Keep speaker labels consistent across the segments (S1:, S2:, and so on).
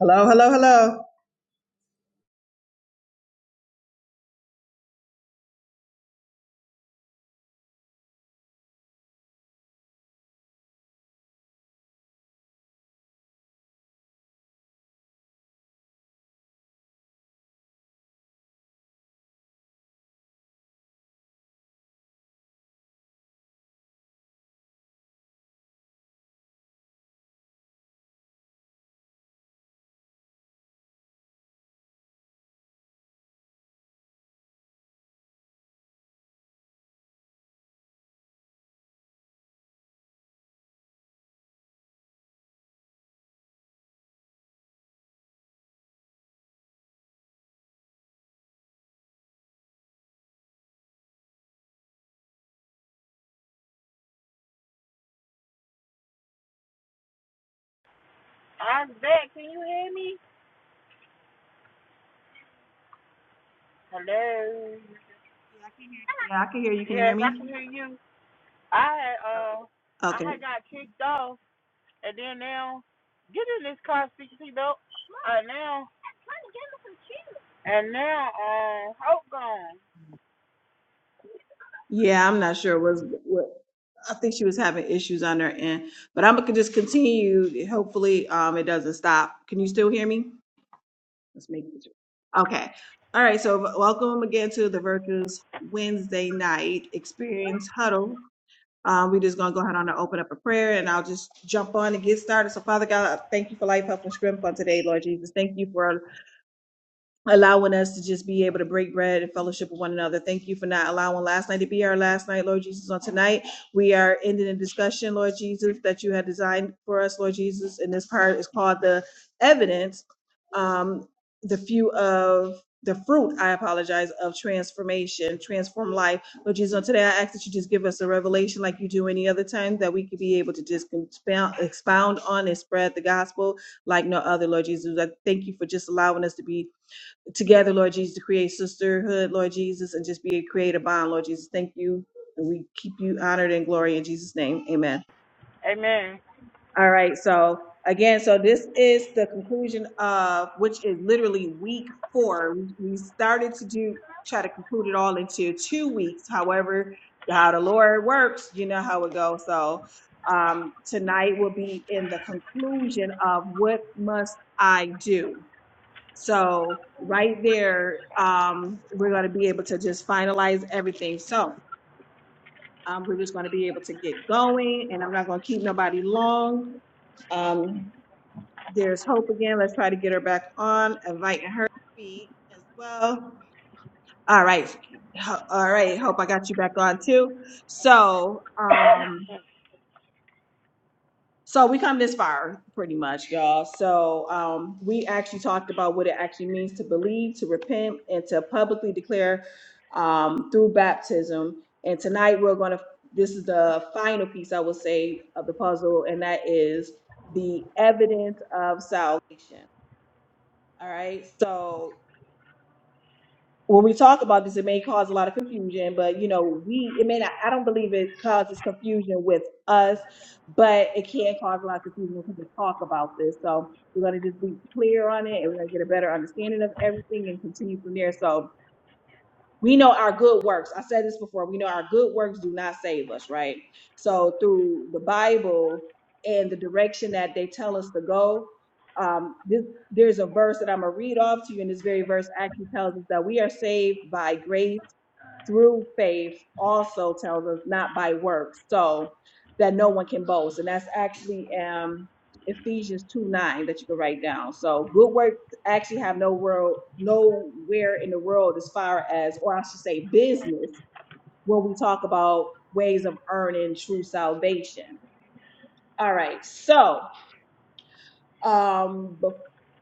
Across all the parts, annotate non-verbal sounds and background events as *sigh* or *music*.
S1: Hello, hello, hello.
S2: I'm back. Can you hear me? Hello.
S1: Yeah, I can hear. Yeah, I can hear you. Can you hear
S2: Yes, I
S1: me?
S2: can hear you. I had uh, I
S1: Okay.
S2: had got kicked off, and then now, get in this car, CC though. Uh, now and now, uh, hope gone.
S1: Yeah, I'm not sure Was what I think she was having issues on her end, but I'm gonna just continue. Hopefully, um, it doesn't stop. Can you still hear me? Let's make it. Okay. All right. So v- welcome again to the Virtuous Wednesday night experience huddle. Um, we're just gonna go ahead on and open up a prayer, and I'll just jump on and get started. So, Father God, I thank you for life, health, and strength on today, Lord Jesus. Thank you for allowing us to just be able to break bread and fellowship with one another. Thank you for not allowing last night to be our last night, Lord Jesus. On tonight, we are ending a discussion, Lord Jesus, that you had designed for us, Lord Jesus. And this part is called the evidence, um, the few of the fruit, I apologize, of transformation, transform life. Lord Jesus, on today, I ask that you just give us a revelation like you do any other time that we could be able to just expound, expound on and spread the gospel like no other, Lord Jesus. I thank you for just allowing us to be together, Lord Jesus, to create sisterhood, Lord Jesus, and just be a creative bond, Lord Jesus. Thank you. And we keep you honored and glory in Jesus' name. Amen.
S2: Amen.
S1: All right. So again, so this is the conclusion of which is literally week four. We we started to do try to conclude it all into two weeks. However, how the Lord works, you know how it goes. So um tonight will be in the conclusion of what must I do so right there, um, we're going to be able to just finalize everything. So um, we're just going to be able to get going, and I'm not going to keep nobody long. Um, there's hope again. Let's try to get her back on, inviting her to speak as well. All right, Ho- all right. Hope I got you back on too. So um, So we come this far, pretty much, y'all. So um, we actually talked about what it actually means to believe, to repent, and to publicly declare um, through baptism. And tonight we're going to. This is the final piece, I would say, of the puzzle, and that is the evidence of salvation. All right. So when we talk about this, it may cause a lot of confusion, but you know, we it may not I don't believe it causes confusion with us, but it can cause a lot of confusion when people talk about this. So we're gonna just be clear on it and we're gonna get a better understanding of everything and continue from there. So we know our good works. I said this before. We know our good works do not save us, right? So through the Bible and the direction that they tell us to go, um, this, there's a verse that I'm gonna read off to you, and this very verse actually tells us that we are saved by grace through faith also tells us not by works, so that no one can boast. And that's actually um Ephesians 2 9 that you can write down. So good works actually have no world nowhere in the world as far as or I should say business when we talk about ways of earning true salvation. All right. So um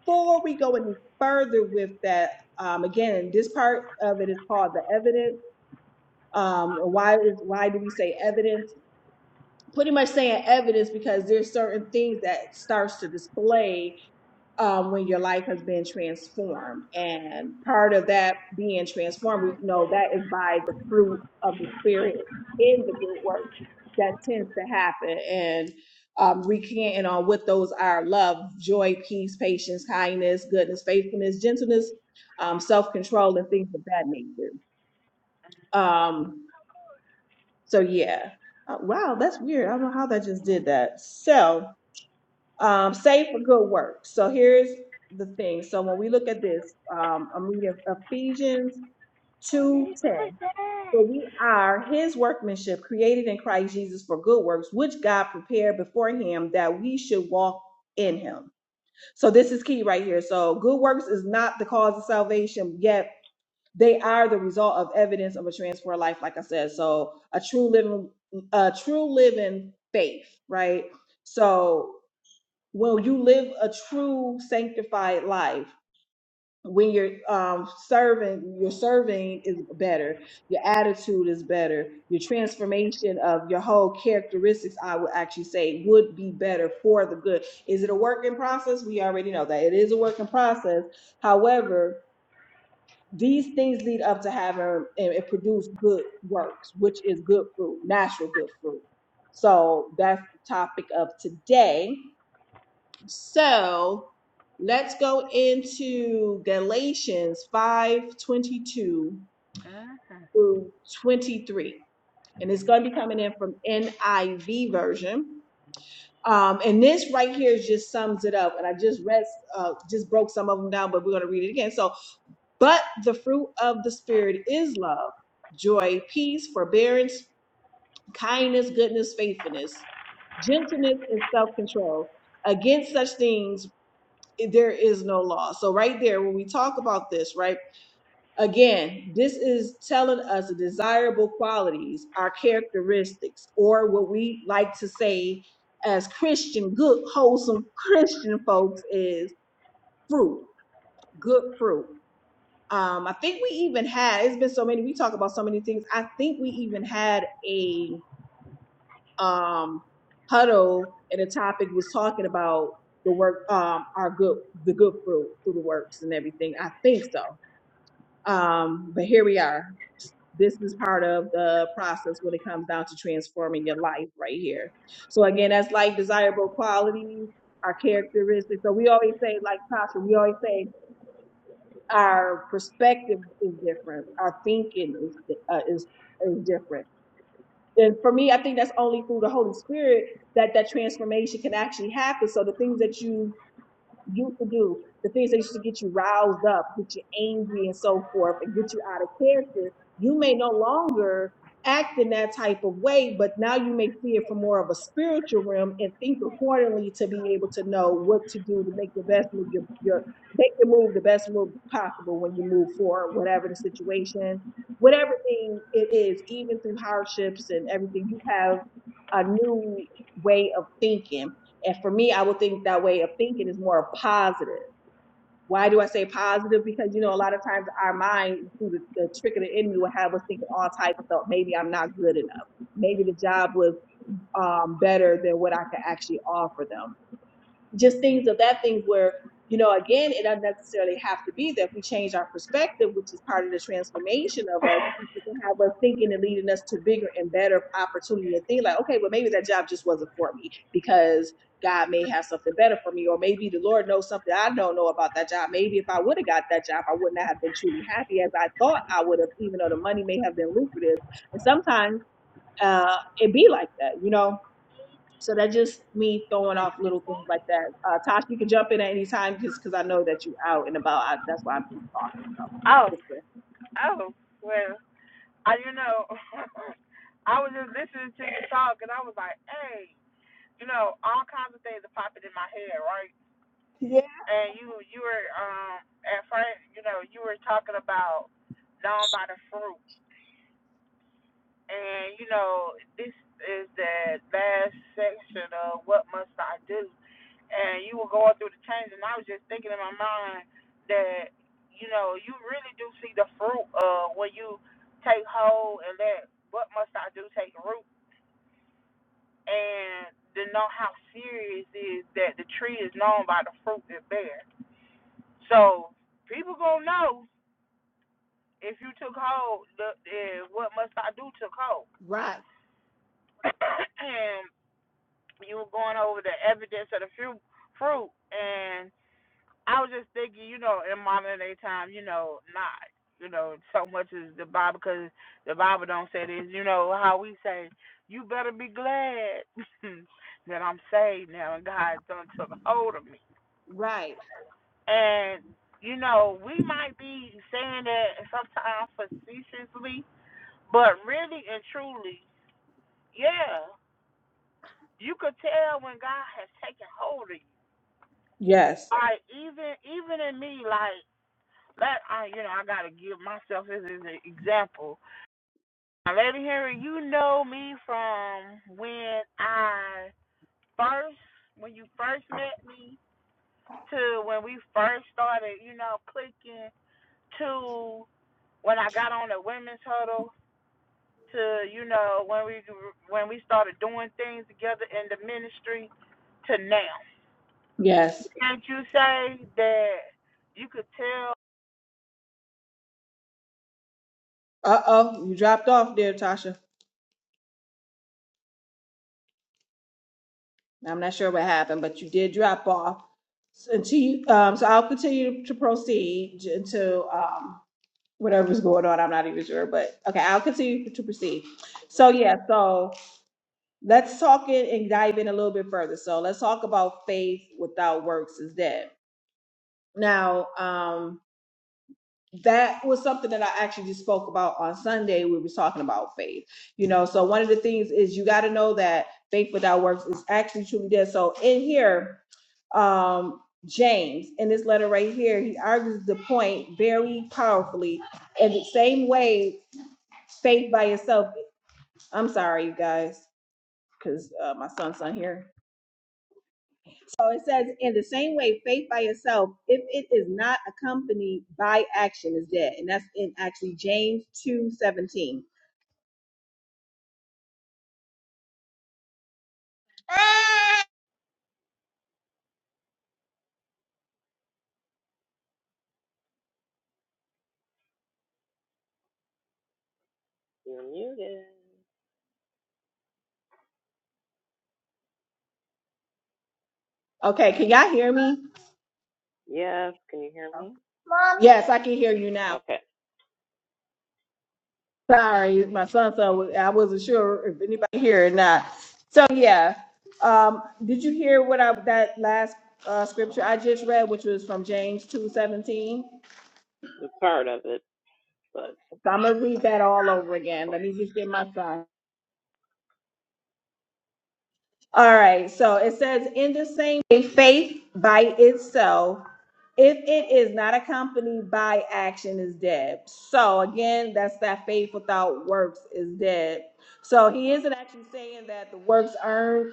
S1: before we go any further with that, um again, this part of it is called the evidence um, why is why do we say evidence? Pretty much saying evidence because there's certain things that starts to display um, when your life has been transformed, and part of that being transformed, we know that is by the fruit of the spirit in the good work that tends to happen, and um, recanting on what those are: love, joy, peace, patience, kindness, goodness, faithfulness, gentleness, um, self-control, and things of that nature. Um, So yeah, Uh, wow, that's weird. I don't know how that just did that. So um, save for good work. So here's the thing. So when we look at this, um, I'm reading Ephesians two ten. For we are His workmanship, created in Christ Jesus for good works, which God prepared before Him that we should walk in Him. So this is key right here. So good works is not the cause of salvation, yet they are the result of evidence of a transformed life, like I said. So a true living, a true living faith, right? So when you live a true sanctified life, when you're um, serving, your serving is better, your attitude is better, your transformation of your whole characteristics, I would actually say, would be better for the good. Is it a work in process? We already know that it is a work in process. However, these things lead up to having and it produce good works, which is good fruit, natural good fruit. So that's the topic of today. So let's go into Galatians 5:22 through 23. And it's going to be coming in from NIV version. Um, and this right here just sums it up. And I just read, uh, just broke some of them down, but we're going to read it again. So but the fruit of the Spirit is love, joy, peace, forbearance, kindness, goodness, faithfulness, gentleness, and self control. Against such things, eh, there is no law. So, right there, when we talk about this, right, again, this is telling us the desirable qualities, our characteristics, or what we like to say as Christian, good, wholesome Christian folks is fruit, good fruit. Um, I think we even had it's been so many. We talk about so many things. I think we even had a um, huddle, and the topic was talking about the work, um, our good, the good fruit through the works and everything. I think so. Um, but here we are. This is part of the process when it comes down to transforming your life, right here. So again, that's like desirable qualities, our characteristics. So we always say, like Tasha, we always say our perspective is different. Our thinking is uh, is is different. And for me, I think that's only through the Holy Spirit that that transformation can actually happen. So the things that you used to do, the things that used to get you roused up, get you angry and so forth, and get you out of character, you may no longer act in that type of way, but now you may see it from more of a spiritual realm and think accordingly to be able to know what to do to make the best move, your, your make your move the best move possible when you move forward, whatever the situation, whatever thing it is, even through hardships and everything, you have a new way of thinking and for me, I would think that way of thinking is more positive. Why do I say positive? Because you know, a lot of times our mind, through the, the trick of the enemy, will have us thinking all type of stuff. Maybe I'm not good enough. Maybe the job was um, better than what I could actually offer them just things of that thing where you know again it doesn't necessarily have to be that we change our perspective which is part of the transformation of us it can have us thinking and leading us to bigger and better opportunity and think like okay well maybe that job just wasn't for me because god may have something better for me or maybe the lord knows something i don't know about that job maybe if i would have got that job i would not have been truly happy as i thought i would have even though the money may have been lucrative and sometimes uh, it be like that you know so that's just me throwing off little things like that. Uh, Tosh, you can jump in at any time just because I know that you're out and about. I, that's why I'm keep talking.
S2: Oh,
S1: Just to-
S2: oh. Well, I you know, *laughs* I was just listening to you talk, and I was like, hey, you know, all kinds of things are popping in my head, right?
S1: Yeah.
S2: and you you were um at first you know you were talking about known by the fruit and you know this is the last section of what must i do and you were going through the change and i was just thinking in my mind that you know you really do see the fruit of when you take hold and let what must i do take root and to know how serious is that the tree is known by the fruit it bears so people gonna know if you took hold, the, eh, what must I do took hold.
S1: Right,
S2: *clears throat* and you were going over the evidence of the fruit, fruit, and I was just thinking, you know, in modern day time, you know, not, you know, so much as the Bible, because the Bible don't say this, you know, how we say, you better be glad *laughs* that I'm saved now and God done took hold of me.
S1: right.
S2: And, you know, we might be saying that sometimes facetiously, but really and truly, Yeah, you could tell when God has taken hold of you.
S1: Yes.
S2: Like even even in me, like that I you know I gotta give myself as an example. Now, Lady Henry, you know me from when I first when you first met me to when we first started, you know, clicking to when I got on the women's huddle to you know when we when we started doing things together in the ministry to now.
S1: Yes.
S2: Can't you say that you could tell
S1: Uh oh, you dropped off there, Tasha. I'm not sure what happened, but you did drop off. So, until you, um, so I'll continue to proceed j- until um, whatever's going on. I'm not even sure, but okay, I'll continue to proceed.
S3: was a
S1: So yeah,
S3: liar.
S1: so let's talk in and dive in a little bit further. So let's talk about faith without works is dead. Now, um, that was something that I actually just spoke about on Sunday. We were talking about faith, you know. So one of the things is you got to know that faith without works is actually truly dead. So in here, um, James in this letter right here, he argues the point very powerfully. And the same way, faith by itself. I'm sorry, you guys, because uh, my son's not here So it says, in the same way, faith by itself, if it is not accompanied by action, is dead. And that's in actually James two seventeen.
S3: You're muted.
S1: Okay, can y'all hear me?
S3: Yes, can you hear me?
S1: Yes, I can hear you now.
S3: Okay,
S1: Sorry, my son, son, I wasn't sure if anybody here or not. So yeah, um, did you hear what I that last uh, scripture I just read, which was from James two seventeen?
S3: the part of it, but
S1: So I'm gonna
S3: I
S1: read
S3: can
S1: that all over again.
S3: pull
S1: Let me just get
S3: it.
S1: my son. All right, so it says, in the same way, faith by itself, if it is not accompanied by action, is dead. So again, that's that faith without works is dead. So he
S3: Okay.
S1: isn't actually saying that the works earned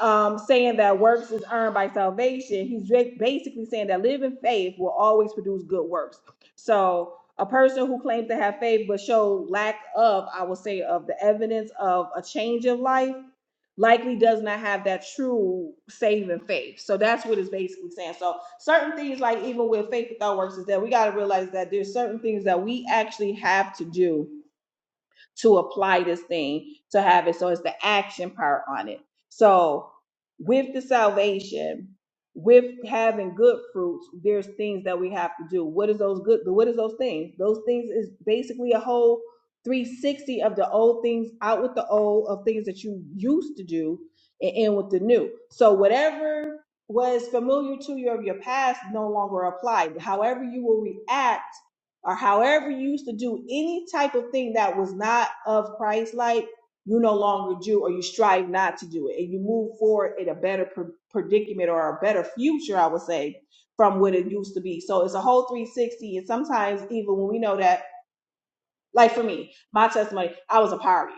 S1: um, saying that works is earned by salvation, he's ba- basically saying that living faith will always produce good works. So, a person who claims to have faith but show lack of, I would say, of the evidence of a change of life, likely does not have that true saving faith. So that's what it's basically saying. So certain things, like even with faith without works, is that we got to realize that there's certain things that we actually have to do to apply this thing to have it. So it's the action part on it. So with the salvation, with having good fruits, there's things that we have to do. What is those good? What is those things? Those things is basically a whole 360 of the old things out with the old of things that you used to do and in with the new. So whatever was familiar to you of your past no longer applied. However, you will react or however you used to do any type of thing that was not of Christ like, you no longer do, or you strive not to do it, and you move forward in a better pr- predicament or a better future, I would say, from what it used to be. So it's a whole 360. And sometimes, even when we know that like for me, my testimony, I was a partier.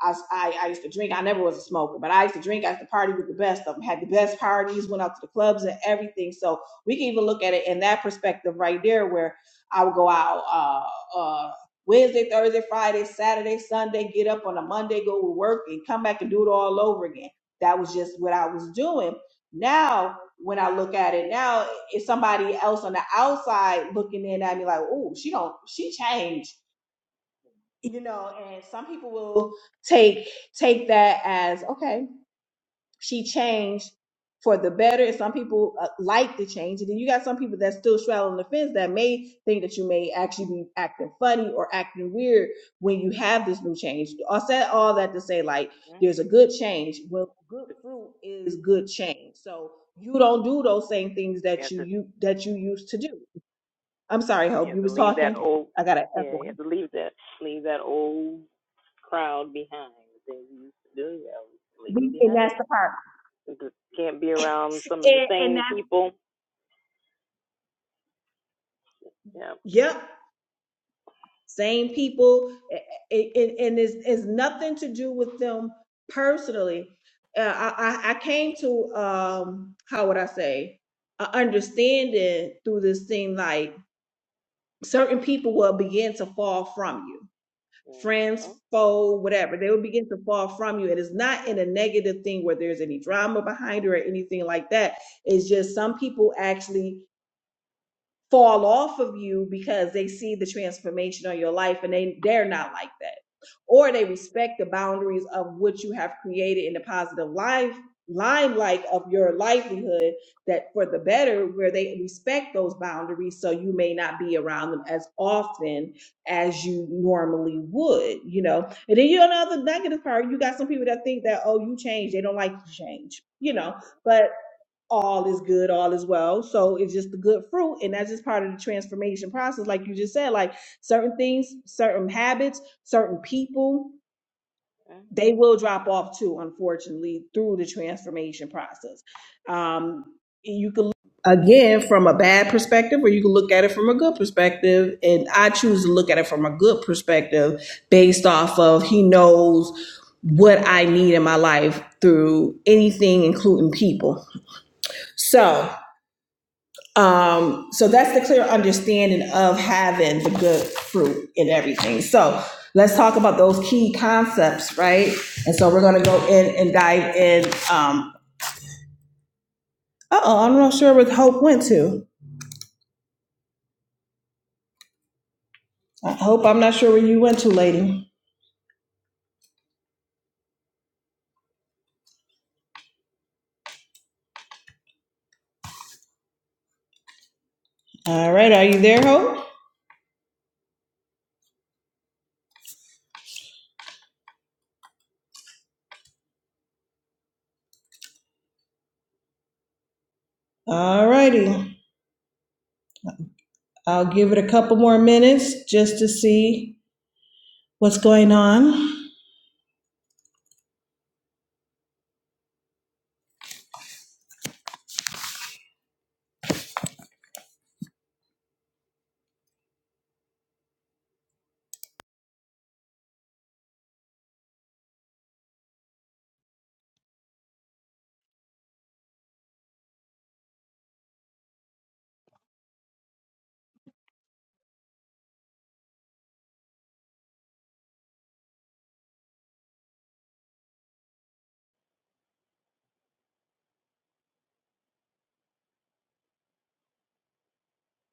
S1: I, I, I used to drink. I never was a smoker, but I used to drink. I used to party with the best of them. Had the best parties, went out to the clubs and everything. So we can even look at it in that perspective right there, where I would go out uh, uh, Wednesday, Thursday, Friday, Saturday, Sunday, get up on a Monday, go to work, and come back and do it all over again. That was just what I was doing. Now, when I look at it now, it's somebody else on the outside looking in at me like, "Oh, she don't, she changed." you know and some people will take take that as okay she changed for the better and some people uh, like the change and then you got some people that's still straddling the fence that may think that you may actually be acting funny or acting weird when you have this new change i said all that to say like
S3: hmm
S1: there's a good change well good fruit is good change so you don't do those same things
S3: You
S1: that
S3: have
S1: you
S3: to,
S1: you that you used to do i'm sorry
S3: you
S1: hope
S3: have
S1: you
S3: to
S1: was
S3: leave that
S1: talking
S3: old,
S1: i gotta echo
S3: yeah, you have to leave that, leave that old crowd behind. The things you used to do, you have to leave them
S1: We- and
S3: behind.
S1: that's the
S3: You just can't be around some of the
S1: part
S3: same people. Yeah.
S1: Yep, same people, and it's, it's nothing to do with them personally. Uh, I, I I came to um, how would I say, a understanding through this thing. Like certain people will begin to fall from you,
S3: Mhm.
S1: friends, foe, whatever. They will begin to fall from you. It is not in a negative thing where there's any drama behind it or anything like that. It's just some people actually fall off of you because they see the transformation on your life and they they're not like that or they respect the boundaries of what you have created in the positive life limelight of your livelihood that for the better where they respect those boundaries so you may not be around them as often as you normally would you know and then you know the negative part you got some people that think that oh you change they don't like you change you know But all is good, all is well. So it's just the good fruit. And that's just part of the transformation process. Like you just said, like certain things, certain habits, certain people,
S3: Okay.
S1: they will drop off too, unfortunately, through the transformation process. Um, you can again from a bad perspective or you can look at it from a good perspective and i choose to look at it from a good perspective based off of he knows what i need in my life through anything including people so um, so that's the clear understanding of having the good fruit in everything. So let's talk about those key concepts, right? And so we're gonna go in and dive in. Um, uh-oh, I'm not sure where Hope went to. Uh, Hope, I'm not sure where you went to, lady. All right, are you there, Hope? All righty. I'll give it a couple more minutes just to see what's going on.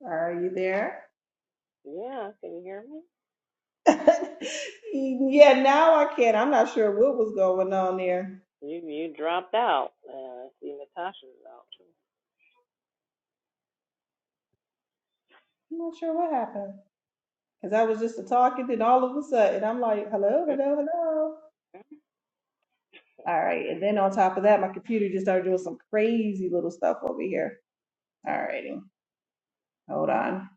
S1: Are you there?
S3: Yeah, can you hear me?
S1: *laughs* yeah, now I can. I'm not sure what was going on there.
S3: You you dropped out. Uh, I see Natasha's out
S1: I'm not sure what happened because I was just talking, then all of a sudden I'm like, hello,
S3: too.
S1: hello, hello. All right. And then on top of that, my computer just started doing some crazy little stuff over here. All righty. Hold on.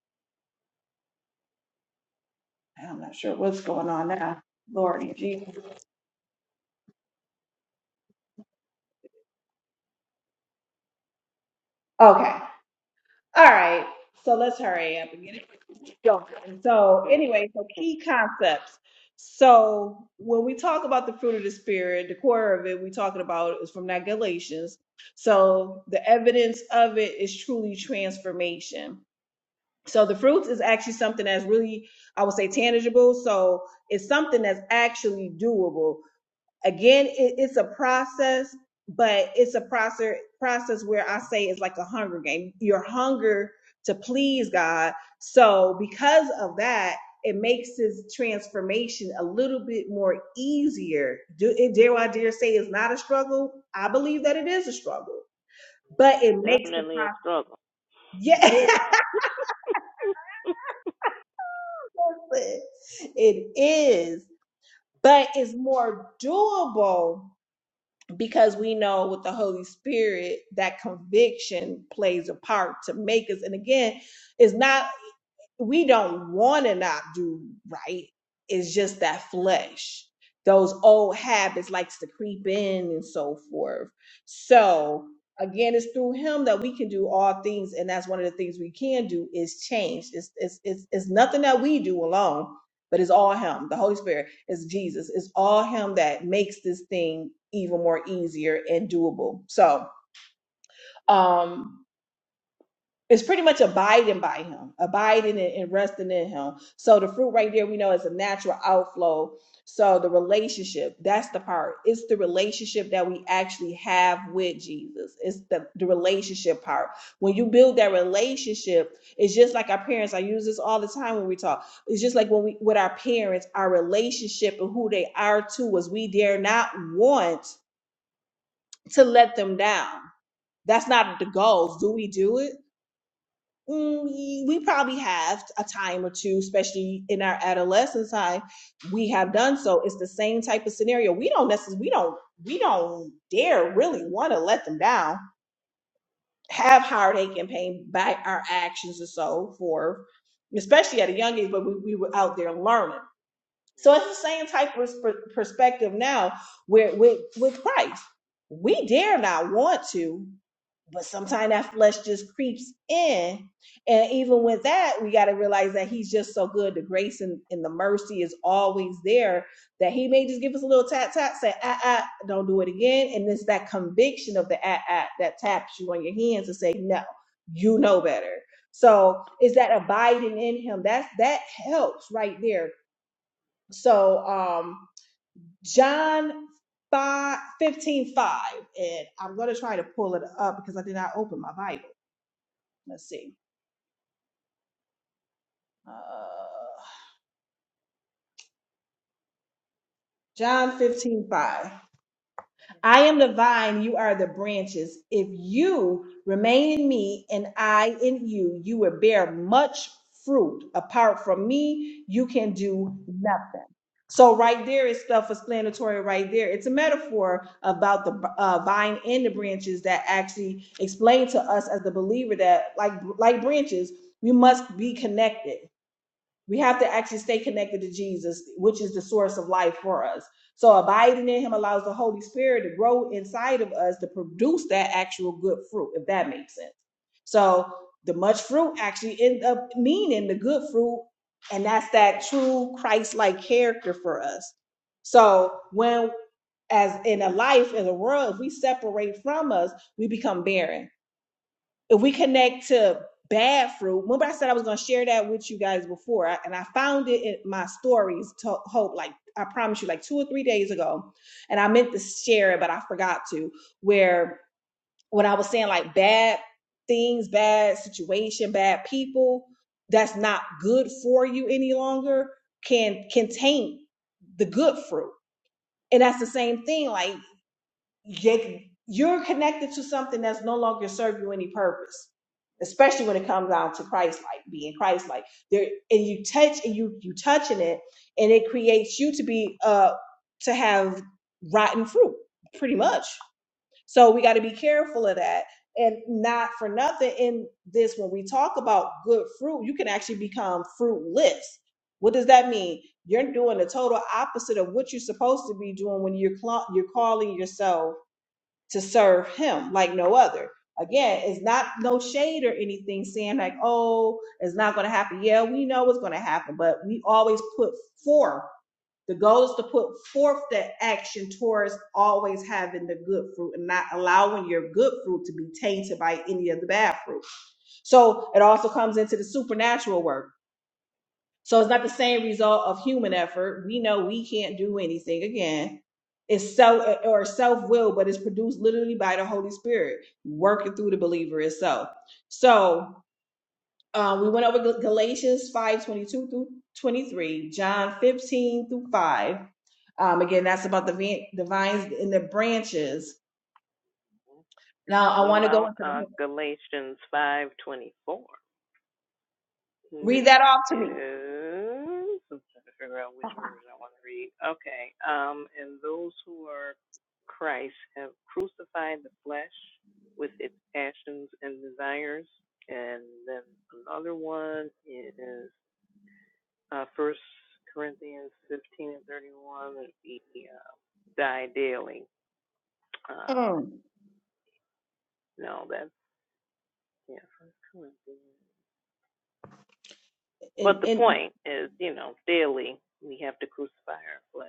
S1: I'm not sure what's going on now. Lordy Jesus. Okay. All right, so let's hurry up and get it going. So, anyway, so
S3: hmm
S1: key concepts. So, when we talk about the fruit of the spirit, the core of it we're talking about is from that Galatians. So, the evidence of it is truly transformation. So, the fruits is actually something that's really, I would say, tangible. So, it's something that's actually doable again it, it's a process but it's a process process where i say it's like a hunger game your hunger to please god so because of that it makes his transformation a little bit more easier do dare i dare say it's not a struggle i believe that it is a struggle but it makes the
S3: Definitely a
S1: process
S3: struggle.
S1: yeah *laughs* it is but it's more doable because we know with the Holy Spirit that conviction plays a part to make us. And again, it's not we don't want to not do right. It's just that flesh, those old habits likes to creep in and so forth. So again, it's through him that we can do all things, and that's one of the things we can do is change. It's it's it's, it's nothing that we do alone, but it's all him. The Holy Spirit is Jesus. It's all him that makes this thing even more easier and doable. So. um it's pretty much abiding by him, abiding and and resting in him. So the fruit right there, we know is a natural outflow. So the relationship, that's the part. It's the relationship that we actually have with Jesus. It's the, the relationship part. When you build that relationship, it's just like our parents. I use this all the time when we talk. It's just like when we with our parents, our relationship and who they are to us. We dare not want to let them down. That's not the goal. Do we do it? mm, we probably have a time or two, especially in our adolescence time, we have done so. It's the same type of scenario. We don't necessarily, we don't, we don't dare really want to let them down, have heartache and pain by our actions or so for, especially at a young age, but we, we were out there learning. So it's the same type of pers- perspective now where with, with Christ. We dare not want to but sometimes that flesh just creeps in and even with that we got to realize that he's just so good the grace and, and the mercy is always there that he may just give us a little tap tap say ah ah don't do it again and it's that conviction of the ah ah that taps you on your hands to say no you know better so is that abiding in him that's that helps right there so um john 5 15 5, and i'm going to try to pull it up because i did not open my bible let's see. Uh, John 15 5. I am the vine, you are the branches. If you remain in me and I in you, you will bear much fruit. Apart from me, you can do nothing. So, right there is self explanatory, right there. It's a metaphor about the uh, vine and the branches that actually explain to us as the believer that, like, like branches, we must be connected. We have to actually stay connected to Jesus, which is the source of life for us. So abiding in him allows the Holy Spirit to grow inside of us to produce that actual good fruit, if that makes sense. So the much fruit actually end up meaning the good fruit, and that's that true Christ-like character for us. So when as in a life, in a world, if we separate from us, we become barren if we connect to bad fruit, remember I said I was going to share that with you guys before, and I found it in my stories to hope, like I promise you, like two or three days ago, and I meant to share it, but I forgot to. Where when I was saying like bad things, bad situation, bad people, that's not good for you any longer, can can taint the good fruit, and that's the same thing. Like they, you're connected to something that's no longer serve you any purpose especially when it comes down to christ like being christ like there and you touch and you you touching it and it creates you to be uh to have rotten fruit pretty much so we got to be careful of that and not for nothing in this when we talk about good fruit you can actually become fruitless what does that mean you're doing the total opposite of what you're supposed to be doing when you're cla- you're calling yourself to serve him like no other. Again, it's not no shade or anything saying like, oh, it's not going to happen. Yeah, we know it's going to happen, but we always put forth. The goal is to put forth that action towards always having the good fruit and not allowing your good fruit to be tainted by any of the bad fruit. So it also comes into the supernatural work so it's not the same result of human effort. We know we can't do anything again. It's self or self will, but it's produced literally by the Holy Spirit working through the believer itself. So um, we went over Gal- Galatians 5 22 through 23, John 15 through 5. Um, again, that's about the, vin- the vines and the branches. Now I
S3: What
S1: want to go
S3: about
S1: into
S3: uh,
S1: the
S3: Galatians five twenty four, which
S1: read that off to me.
S3: is I'm trying to figure out which version I want to read. Okay, um, and those who are Christ have crucified the flesh with its passions and desires. And then another one is uh, First Corinthians fifteen and thirty one. That we uh, die daily. Uh,
S1: Mm.
S3: no, that's Yeah, But the
S1: And, and
S3: point is, you know, daily we have to crucify our flesh.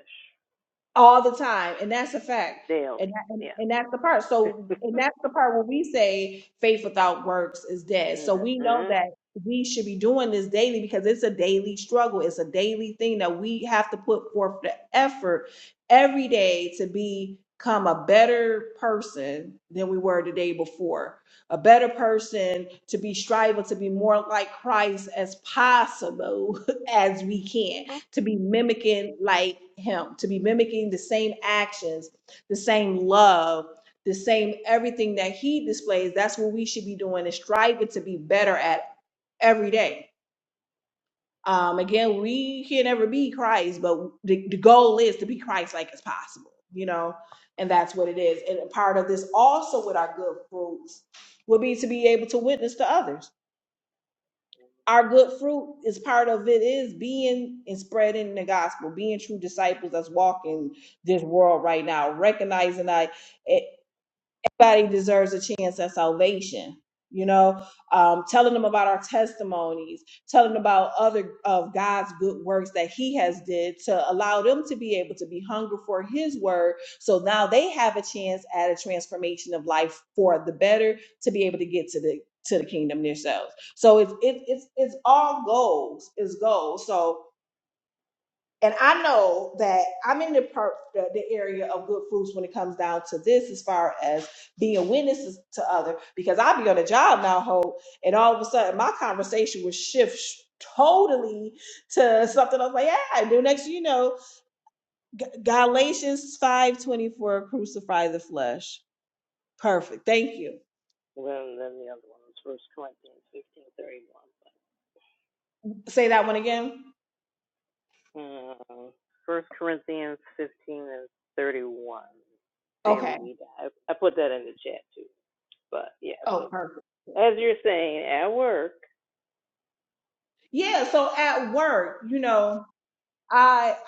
S1: all the time and that's a fact and,
S3: Daily.
S1: that, and
S3: Yeah.
S1: and that's the part
S3: *laughs*
S1: so and that's the part where we say faith without works is dead so we know
S3: mm-hmm.
S1: that we should be doing this daily because it's a daily struggle it's a daily thing that we have to put forth the effort every day to become a better person than we were the day before a better person to be striving to be more like christ as possible *laughs* as we can
S3: Hmm.
S1: to be mimicking like him, to be mimicking the same actions, the same love, the same everything that he displays. That's what we should be doing and striving to be better at every day. Um, again, we can never be Christ, but the, the goal is to be Christ like as possible, you know, and that's what it is. And a part of this also with our good fruits would be to be able to witness to others our good fruit is part of it is being and spreading the gospel being true disciples that's walking this world right now recognizing that everybody deserves a chance at salvation you know um, telling them about our testimonies telling them about other of god's good works that he has did to allow them to be able to be hungry for his word so now they have a chance at a transformation of life for the better to be able to get to the to the kingdom themselves so it's it, it's it's all goals it's goals so and I know that I'm in the per- the, the area of good fruits when it comes down to this, as far as being witnesses to other. Because I'll be on a job now, Hope, and all of a sudden my conversation will shift sh- totally to something else. Like, yeah, and then next thing you know, G- Galatians five twenty four, crucify the flesh. Perfect. Thank you.
S3: Well, then the other one was First Corinthians fifteen thirty one.
S1: Say that one again.
S3: But, um, First Corinthians fifteen and thirty one. Daily
S1: Okay.
S3: we die. I, put that in the chat too. But yeah, so
S1: Oh, perfect.
S3: as you're saying, at work.
S1: Yeah. So at work, you know. I.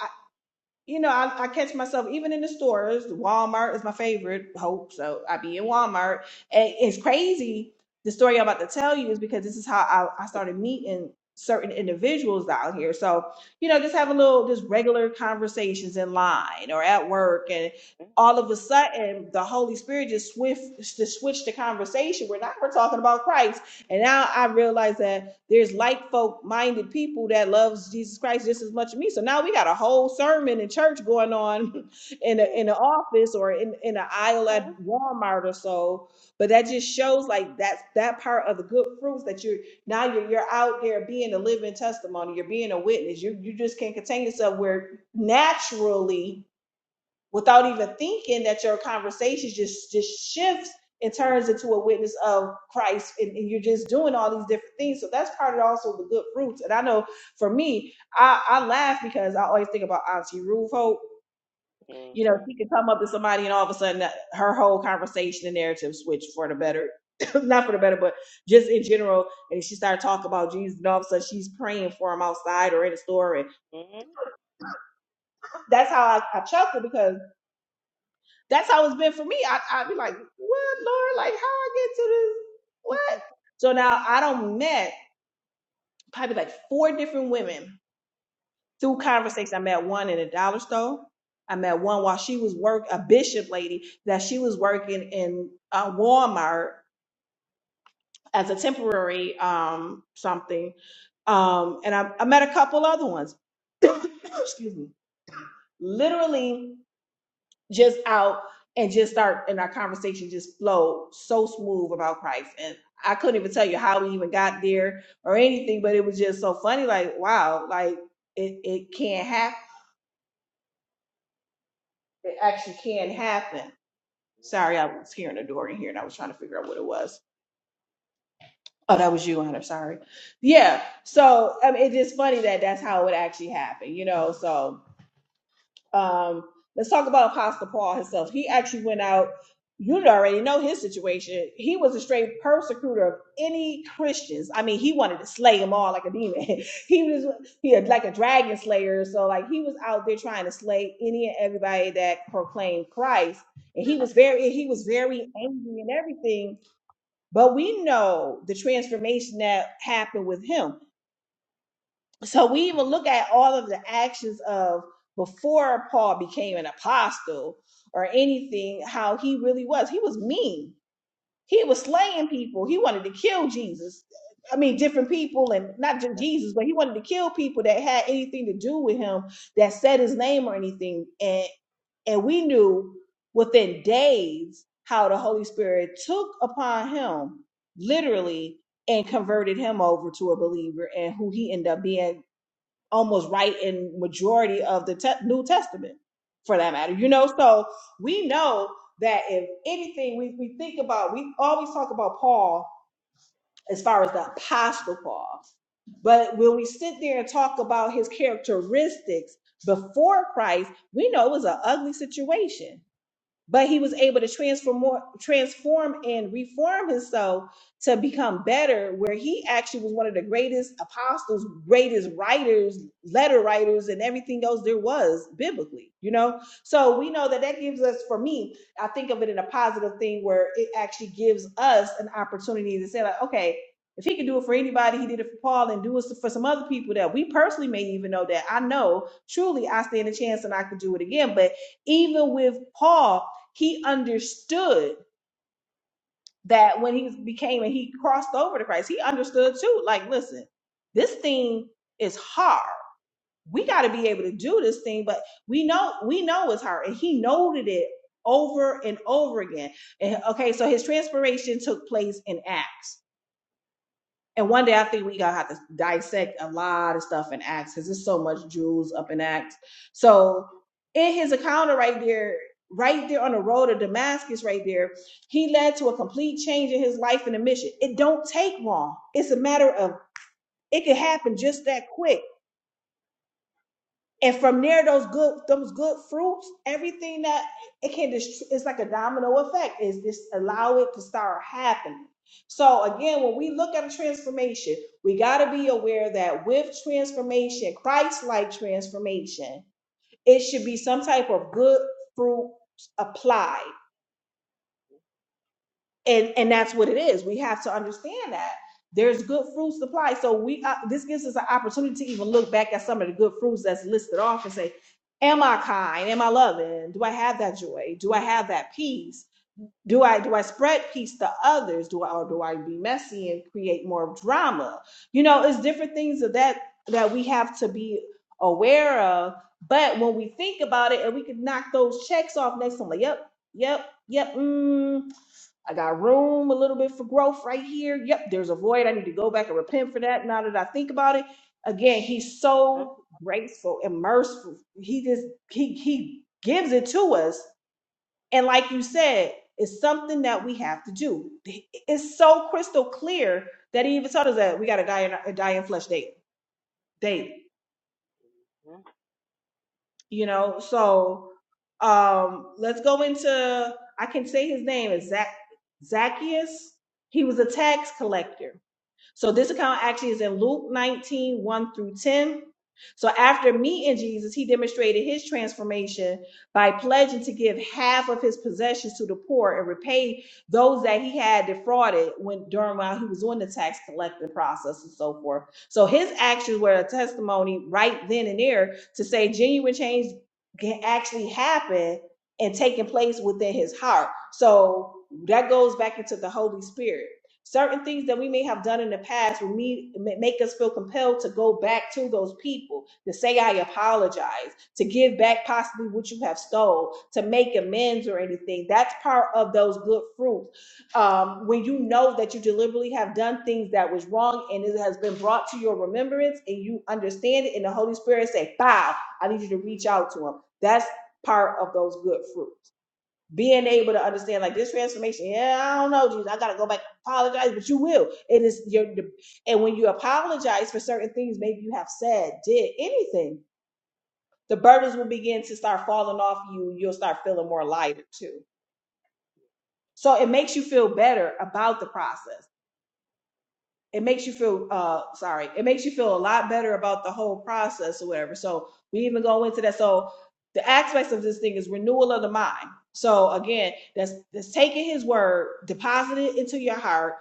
S1: you know, I, I catch myself even in the stores. Walmart is my favorite. Hope so. I be in Walmart. And it's crazy. The story I'm about to tell you is because this is how I, I started meeting certain individuals out here. So, you know, just have a little, just regular conversations in line or at work. And all of a sudden, the Holy Spirit just swift, just switched the conversation where now we're talking about Christ. And now I realize that there's like folk minded people that loves Jesus Christ just as much as me. So now we got a whole sermon in church going on *laughs* in a,
S3: Mm-hmm.
S1: in an office or in in an aisle at
S3: Mm-hmm.
S1: Walmart or so. But that just shows like that's that part of the good fruits that you're now you're you're out there being a living testimony. You're being a witness. You you just can't contain yourself where naturally without even thinking that your conversation just just shifts and turns into a witness of Christ and, and you're just doing all these different things. So that's part of also the good fruits. And I know for me, I, I laugh because I always think about Auntie Ruth Hope. You know, she could come up to somebody and all of a sudden uh, her whole conversation and narrative switch for the better. *coughs* *clears throat* Not for the better, but just in general. And she started talking about Jesus and all of a sudden she's praying for him outside or in the store. And
S3: Mm-hmm. Mm-hmm.
S1: that's how I, I chuckle because That's how it's been for me. I I'd be like, what, Lord? Like, how I get to this? What? So now I don't met probably like four different women through conversation. I met one in a dollar store. I met one while she was work a bishop lady that she was working in uh, Walmart as a temporary um something. Um, and I, I met a couple other ones. *clears throat* Excuse me. Literally just out and just start and our conversation just flowed so smooth about Christ. And I couldn't even tell you how we even got there or anything, but it was just so funny, like, wow, like it, it can happen. It actually can happen. Sorry, I was hearing a door in here and I was trying to figure out what it was. Oh, that was you, Hunter. Sorry. Yeah. So I mean, it's just funny that that's how it actually happened, you know. So Um, let's talk about Apostle Paul himself. He actually went out. You already know his situation. He was a straight persecutor of any Christians. I mean, he wanted to slay them all like a demon. *laughs* he was he had like a dragon slayer. So like he was out there trying to slay any and everybody that proclaimed Christ. And he was very he was very angry and everything. But we know the transformation that happened with him so we even look at all of the actions of before Paul became an apostle or anything, how he really was. He was mean. He was slaying people. He wanted to kill Jesus. I mean, different people, and not just
S3: Yeah.
S1: Jesus, but he wanted to kill people that had anything to do with him, that said his name or anything. And and we knew within days how the Holy Spirit took upon him, literally, and converted him over to a believer, and who he ended up being almost right in majority of the te- New Testament, for that matter. You know, so we know that if anything we, we think about, we always talk about Paul as far as the apostle Paul, but when we sit there and talk about his characteristics before Christ, we know it was an ugly situation but he was able to transform more, transform and reform himself to become better where he actually was one of the greatest apostles greatest writers letter writers and everything else there was biblically you know so we know that that gives us for me i think of it in a positive thing where it actually gives us an opportunity to say like okay if he could do it for anybody he did it for paul and do it for some other people that we personally may even know that i know truly i stand a chance and i could do it again but even with Paul, he understood that when he became and he crossed over to Christ, he understood too. Like, listen, this thing is hard. We got to be able to do this thing, but we know we know it's hard, and he noted it over and over again. And okay, so his transformation took place in Acts. And one day I think we gotta have to dissect a lot of stuff in Acts because there's so much jewels up in Acts. So in his encounter right there, right there on the road to Damascus, right there, he led to a complete change in his life and a mission. It don't take long. It's a matter of it can happen just that quick and from there those good those good fruits everything that it can just it's like a domino effect is this allow it to start happening so again when we look at transformation we got to be aware that with transformation christ-like transformation it should be some type of good fruit applied and and that's what it is we have to understand that there's good fruit supply so we uh, this gives us an opportunity to even look back at some of the good fruits that's listed off and say am i kind am i loving do i have that joy do i have that peace do i do i spread peace to others do i or do i be messy and create more drama you know it's different things of that that we have to be aware of but when we think about it and we can knock those checks off next time like yep yep yep mm, I got room a little bit for growth right here. Yep, there's a void. I need to go back and repent for that. Now that I think about it, again, he's so graceful and merciful. He just he he gives it to us. And like you said, it's something that we have to do. It's so crystal clear that he even told us that we got to die in die in flesh daily. Daily,
S3: Mm-hmm.
S1: you know. So um let's go into. I can say his name is Zac Zacchaeus. He was a tax collector So this account actually is in Luke nineteen one through 10. So after meeting Jesus, he demonstrated his transformation by pledging to give half of his possessions to the poor and repay those that he had defrauded when during while he was on the tax collecting process and so forth. So his actions were a testimony right then and there to say genuine change can actually happen and taking place within his heart. So that goes back into the Holy Spirit Certain things that we may have done in the past will me- ma- make us feel compelled to go back to those people, to say, I apologize, to give back possibly what you have stole, to make amends or anything. That's part of those good fruits um, when you know that you deliberately have done things that was wrong and it has been brought to your remembrance and you understand it and the holy spirit say bow i need you to reach out to him that's part of those good fruits being able to understand like this transformation yeah i don't know jesus i gotta go back and apologize but you will it is your and when you apologize for certain things maybe you have said did anything the burdens will begin to start falling off you you'll start feeling more lighter too so it makes you feel better about the process it makes you feel uh sorry it makes you feel a lot better about the whole process or whatever so we even go into that so the aspects of this thing is renewal of the mind so again that's that's taking his word depositing it into your heart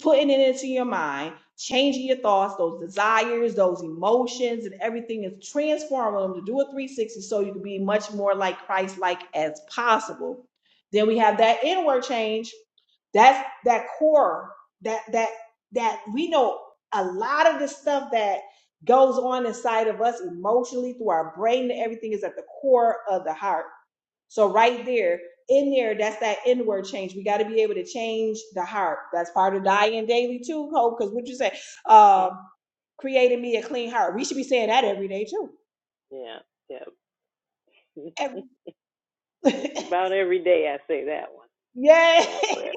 S1: putting it into your mind changing your thoughts those desires those emotions and everything is transforming them to do a 360 so you can be much more like christ like as possible then we have that inward change that's that core That that that we know a lot of the stuff that goes on inside of us emotionally through our brain and everything is at the core of the heart. So right there, in there, that's that inward change. We got to be able to change the heart. That's part of dying daily too, Hope. Because what you say,
S3: Mm-hmm.
S1: um, creating me a clean heart. We should be saying that every day too.
S3: Yeah. yeah. *laughs*
S1: Ev- *laughs*
S3: Just about every day I say that one,
S1: yeah,
S3: that
S1: *laughs*
S3: prayer.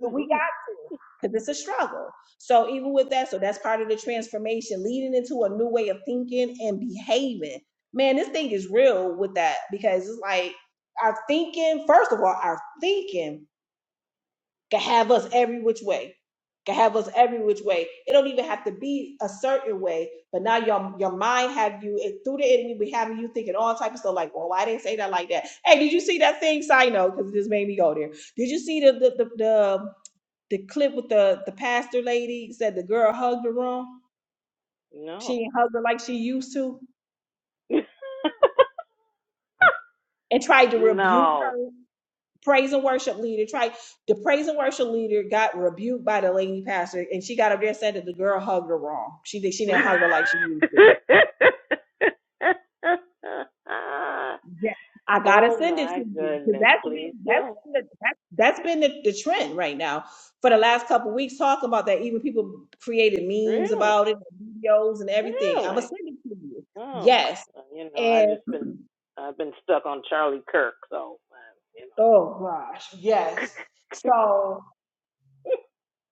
S1: But we got to, because it's a struggle. So even with that, so that's part of the transformation, leading into a new way of thinking and behaving. Man, this thing is real with that because it's like our thinking, first of all, our thinking can have us every which way. Can have us every which way. It don't even have to be a certain way, but now your your mind have you it, through the enemy be having you thinking all type of stuff like, well, why they say that like that? Hey, did you see that thing? Side note, because it just made me go there. Did you see the the the, the the clip with the the pastor lady said the girl hugged her wrong.
S3: *laughs*
S1: She
S3: no.
S1: didn't hug her like she used to,
S3: *laughs*
S1: and tried to rebuke
S3: no.
S1: her praise and worship leader. Tried the praise and worship leader got rebuked by the lady pastor, and she got up there and said that the girl hugged her wrong. She did she
S3: *laughs*
S1: didn't hug her like she used to. Yeah, I gotta
S3: oh
S1: send it to
S3: my
S1: you because
S3: goodness,
S1: that's
S3: please
S1: been that's
S3: do.
S1: been the, that's, that's been the, the trend right now for the last couple weeks. Talking about that, even people created memes
S3: Really?
S1: about it, videos, and everything. I'm gonna
S3: Really?
S1: send it to you.
S3: Oh,
S1: Yes,
S3: well, you know, I
S1: and
S3: just been, I've been stuck on Charlie Kirk, so, uh, you
S1: *clears throat*
S3: know.
S1: oh gosh, yes.
S3: *laughs*
S1: So.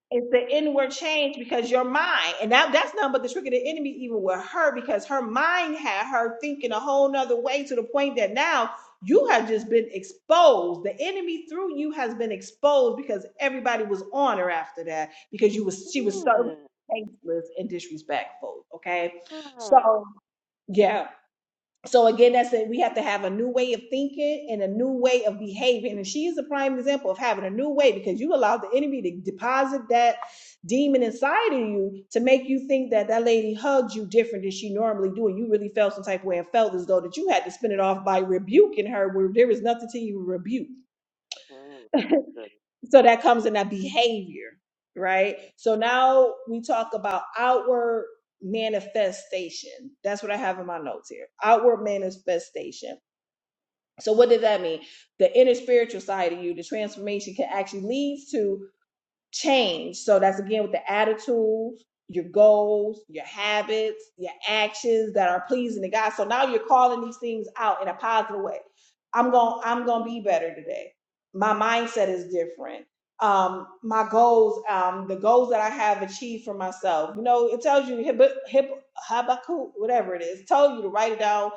S1: It's the inward change because your mind, and that, that's nothing but the trick of the enemy, even with her, because her mind had her thinking a whole nother way to the point that now you have just been exposed. The enemy through you has been exposed because everybody was on her after that because you was she was so
S3: Hmm.
S1: tasteless and disrespectful. Okay,
S3: Oh,
S1: so yeah. So again, that's it. We have to have a new way of thinking and a new way of behaving. And she is a prime example of having a new way because you allowed the enemy to deposit that demon inside of you to make you think that that lady hugged you different than she normally do, and you really felt some type of way and felt as though that you had to spin it off by rebuking her where there was nothing to even rebuke.
S3: hmm. Good.
S1: So that comes in that behavior, right? So now we talk about outward manifestation. That's what I have in my notes here. Outward manifestation so what does that mean? The inner spiritual side of you, the transformation can actually lead to change. So that's again with the attitudes, your goals, your habits, your actions that are pleasing to God. So now you're calling these things out in a positive way. I'm going to I'm going to be better today. My mindset is different. Um, my goals, um, the goals that I have achieved for myself. You know, it tells you Hab- Hab- Habakkuk, whatever it is, told you to write it down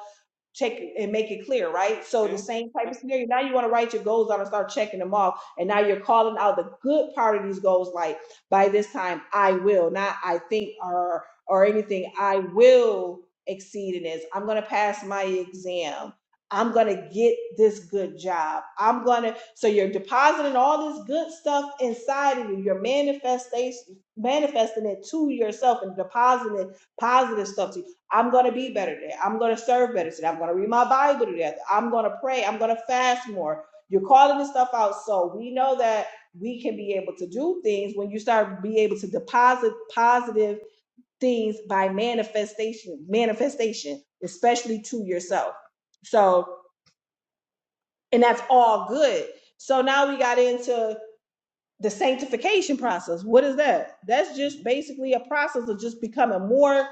S1: check and make it clear, right? So the same type of scenario. Now you want to write your goals out and start checking them off. And now you're calling out the good part of these goals, like by this time I will, not I think or or anything. I will exceed in this. I'm gonna pass my exam. I'm gonna get this good job. I'm gonna so you're depositing all this good stuff inside of you. You're manifestation manifesting it to yourself and depositing positive stuff to I'm going to be better today. I'm going to serve better today. I'm going to read my Bible today. I'm going to pray. I'm going to fast more. You're calling this stuff out. So we know that we can be able to do things when you start be able to deposit positive things by manifestation, manifestation, especially to yourself. So, and that's all good. So now we got into the sanctification process what is that that's just basically a process of just becoming more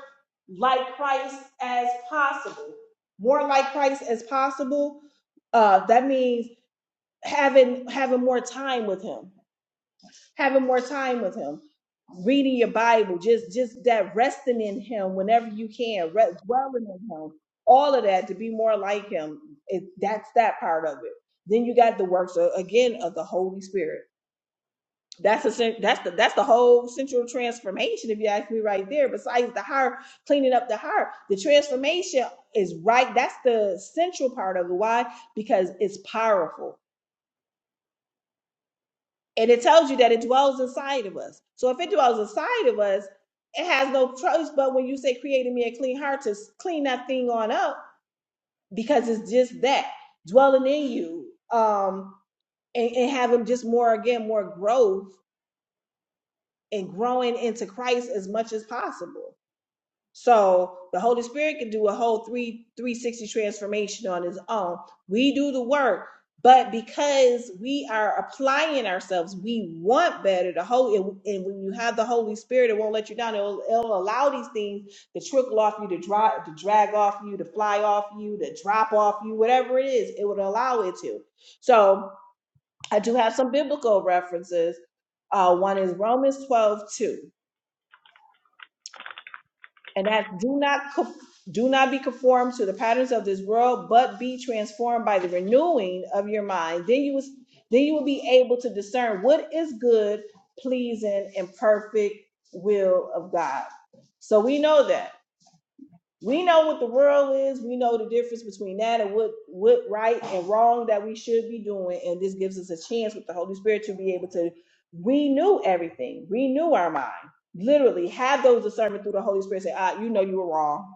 S1: like christ as possible more like christ as possible uh that means having having more time with him having more time with him reading your bible just just that resting in him whenever you can re- dwelling in him all of that to be more like him it, that's that part of it then you got the works uh, again of the holy spirit that's a that's the that's the whole central transformation, if you ask me, right there. Besides the heart, cleaning up the heart, the transformation is right. That's the central part of it. Why? Because it's powerful, and it tells you that it dwells inside of us. So if it dwells inside of us, it has no choice. But when you say creating me a clean heart, to s- clean that thing on up, because it's just that dwelling in you, um, and, and having just more again, more growth and growing into Christ as much as possible. So the Holy Spirit can do a whole three 360 transformation on his own. We do the work, but because we are applying ourselves, we want better. The whole and, and when you have the Holy Spirit, it won't let you down. It'll, it'll allow these things to trickle off you, to drop, to drag off you, to fly off you, to drop off you, whatever it is, it would allow it to. So I do have some biblical references. Uh, one is Romans 12 2. and that do not co- do not be conformed to the patterns of this world, but be transformed by the renewing of your mind. Then you was then you will be able to discern what is good, pleasing, and perfect will of God. So we know that. We know what the world is. We know the difference between that and what what right and wrong that we should be doing. And this gives us a chance with the Holy Spirit to be able to renew everything, renew our mind. Literally, have those discernment through the Holy Spirit. Say, ah, you know you were wrong.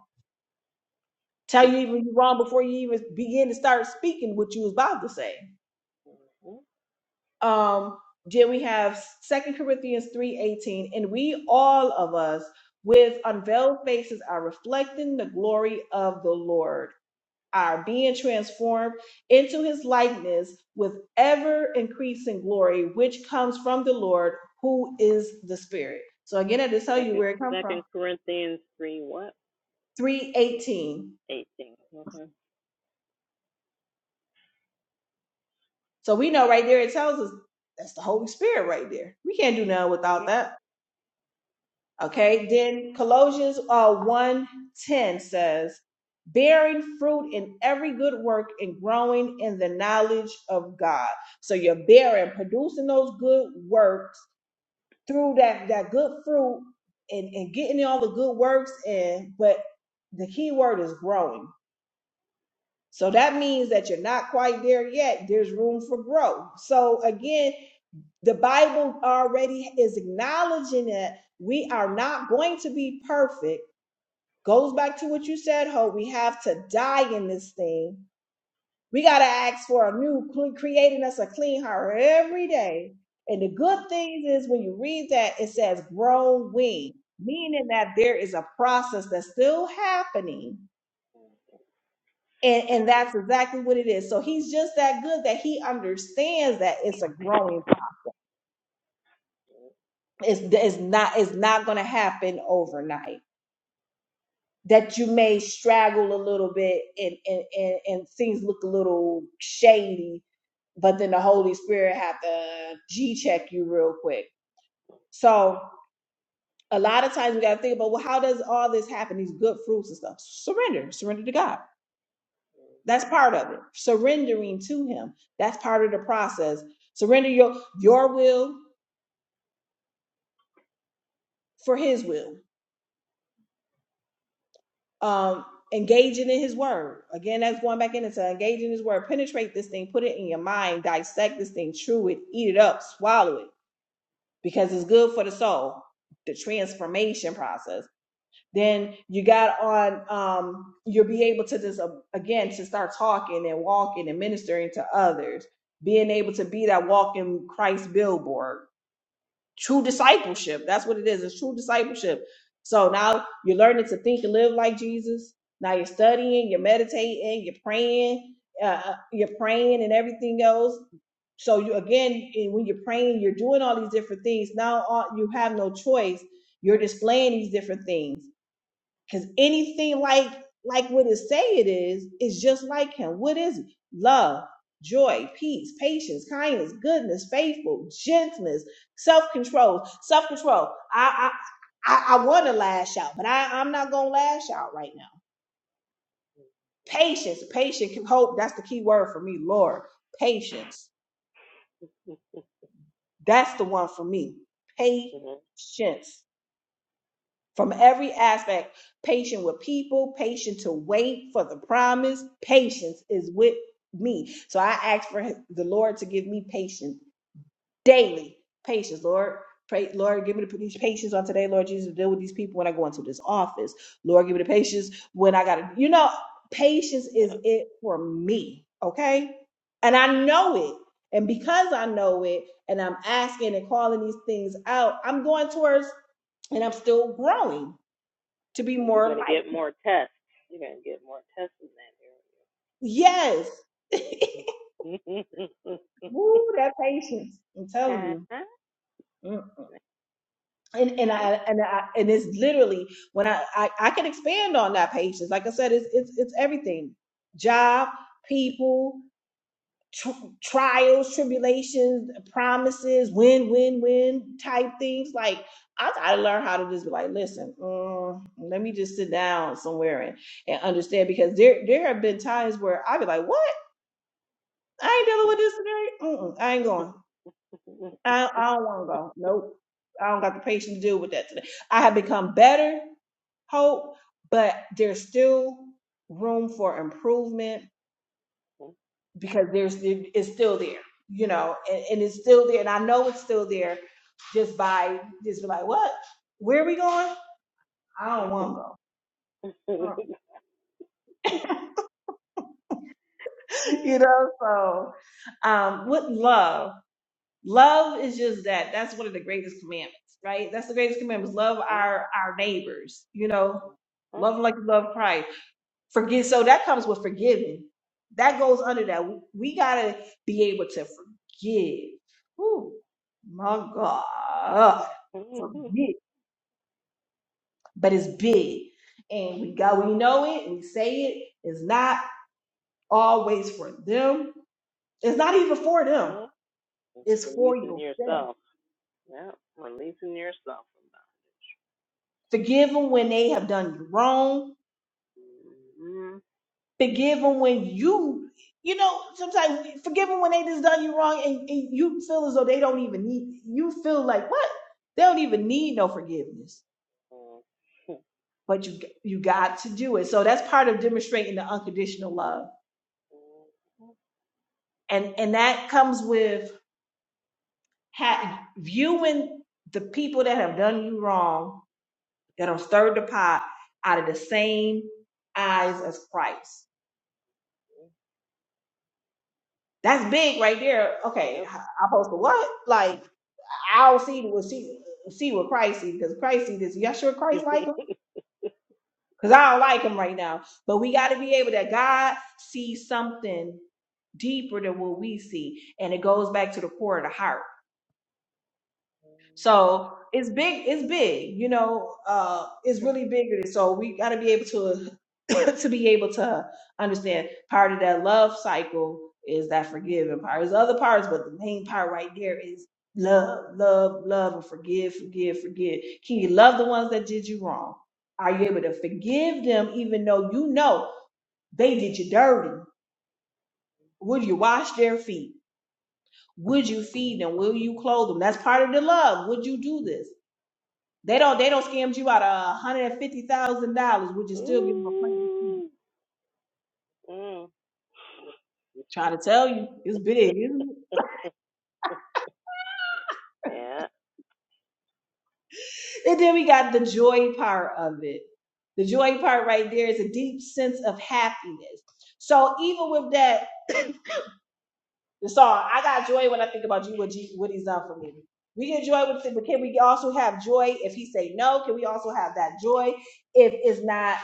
S1: Tell you even you're wrong before you even begin to start speaking what you was about to say.
S3: Hmm?
S1: Um, then we have Second Corinthians 3:18, and we all of us with unveiled faces are reflecting the glory of the Lord are being transformed into his likeness with ever increasing glory, which comes from the Lord, who is the Spirit. So again, I just tell you
S3: Second,
S1: where it comes from.
S3: Second Corinthians three what?
S1: 318.
S3: Eighteen. Okay.
S1: So we know right there it tells us that's the Holy Spirit right there. We can't do nothing without
S3: Mm,
S1: that.
S3: yep,
S1: Okay. Then Colossians uh 110 says, bearing fruit in every good work and growing in the knowledge of God. So you're bearing, producing those good works through that that good fruit and, and getting all the good works in but the key word is growing so that means that you're not quite there yet there's room for growth so again the bible already is acknowledging that we are not going to be perfect goes back to what you said ho we have to die in this thing we got to ask for a new, creating us a clean heart every day. And the good
S3: well,
S1: thing is when you read that, it says growing, meaning that there is a process that's still happening. And, and that's exactly what it is. So he's just that good that he understands that it's a growing process. It's, it's not, it's not going to happen overnight. That you may straggle a little bit and, and, and, and things look a little shady but then the Holy Spirit have to G check you real quick. So a lot of times we gotta think about well, how does all this happen? These good fruits and stuff. Surrender, surrender to God. That's part of it. Surrendering to Him. That's part of the process. Surrender your your will for His will. Um, engaging in His Word. Again, that's going back into engaging His Word. Penetrate this thing. Put it in your mind. Dissect this thing. Chew it. Eat it up. Swallow it because it's good for the soul. The transformation process Then you got on, um, you'll be able to just, uh, again, to start talking and walking and ministering to others, being able to be that walking Christ billboard. True discipleship. That's what it is. It's true discipleship. So now you're learning to think and live like Jesus. Now you're studying, you're meditating, you're praying, uh, uh, you're praying and everything else. So you again, and when you're praying, you're doing all these different things. Now all, you have no choice. You're displaying these different things. Because anything like like what it say it is, is just like him. What is it? Love, joy, peace, patience, kindness, goodness, faithful, gentleness, self-control, self-control. I I I, I want to lash out, but I, I'm not gonna lash out right now.
S3: mm,
S1: Patience, patience, hope. That's the key word for me, Lord. Patience. That's the one for me.
S3: you
S1: Patience. from every aspect patient with people patient to wait for the promise patience is with me so i ask for the lord to give me patience daily patience lord Pray, Lord, give me the patience on today, Lord Jesus, to deal with these people when I go into this office. Lord, give me the patience when I got to, you know, patience is
S3: yeah.
S1: it for me, okay? And I know it. And because I know it and I'm asking and calling these things out, I'm going towards and I'm still growing to be
S3: You're
S1: more like
S3: gonna get
S1: him.
S3: more tests. You're gonna get more tests in
S1: Yes. *laughs* Woo, that patience. I'm
S3: that area.
S1: telling
S3: *laughs*
S1: you.
S3: uh-huh.
S1: Mm. And and I and I and it's literally when I I, I can expand on that patience. Like I said, it's it's it's everything. Job, people, tr- trials, tribulations, promises, win, win, win type things. Like I I learn how to just be like, listen, mm, let me just sit down somewhere and, and understand because there there have been times where I'd be like, what? I ain't dealing with this today. Mm-mm, I ain't going. I, I don't want to go. Nope. I don't got the patience to deal with that today. I have become better, hope, but there's still room for improvement because there's it- it's still there, you know, and, and it's still there. And I know it's still there just by just be like, what? Where are we going? I don't want to go. Mm. *laughs* you know, so um, with love. Love is just that. That's one of the greatest commandments, right? That's the greatest commandments. Love our our neighbors, you know, love 'em like you love Christ. Forgive. So that comes with forgiving. That goes under that. We, we gotta be able to forgive. Ooh, my God, forgive. But it's big, and we got we know it. and We say it. It's not always for them. It's not even for them. It's for
S3: Releasing
S1: yourself.
S3: yourself. Yeah, releasing yourself from that.
S1: Forgive them when they have done you wrong
S3: Mm-hmm.
S1: Forgive them when you, you know, sometimes we forgive them when they just done you wrong and, and you feel as though they don't even need, you feel like, what? They don't even need no forgiveness.
S3: Mm-hmm.
S1: But you, you got to do it. So that's part of demonstrating the unconditional love. And, and that comes with ha- viewing the people that have done you wrong, that have stirred the pot out of the same eyes as Christ. That's big right there. Okay. I I supposed to what? Like, I'll see what see see what Christ sees because Christ sees this. Y'all sure Christ like him?
S3: Yep.
S1: Because I don't like him right now. But we got to be able that God sees something deeper than what we see, and it goes back to the core of the heart.
S3: *laughs*
S1: So it's big. It's big. You know, uh, it's really bigger. So we got to be able to *coughs* to be able to understand part of that love cycle is that forgiving part. There's other parts, but the main part right there is love, love, love, and forgive, forgive, forgive. Can you love the ones that did you wrong? Are you able to forgive them, even though you know they did you dirty? Would you wash their feet? Would you feed them? Will you clothe them? That's part of the love. Would you do this? They don't they don't scammed you out of hundred and fifty thousand dollars, would you still give them a plane?
S3: Ooh, mm,
S1: Trying to tell you, it's big, isn't
S3: yeah,
S1: it? And then we got the joy part of it. The joy part right there is a deep sense of happiness. So even with that, the song, I got joy when I think about you, what, G, what he's done for me. We get joy with it, but can we also have joy if he say no? Can we also have that joy if it's not?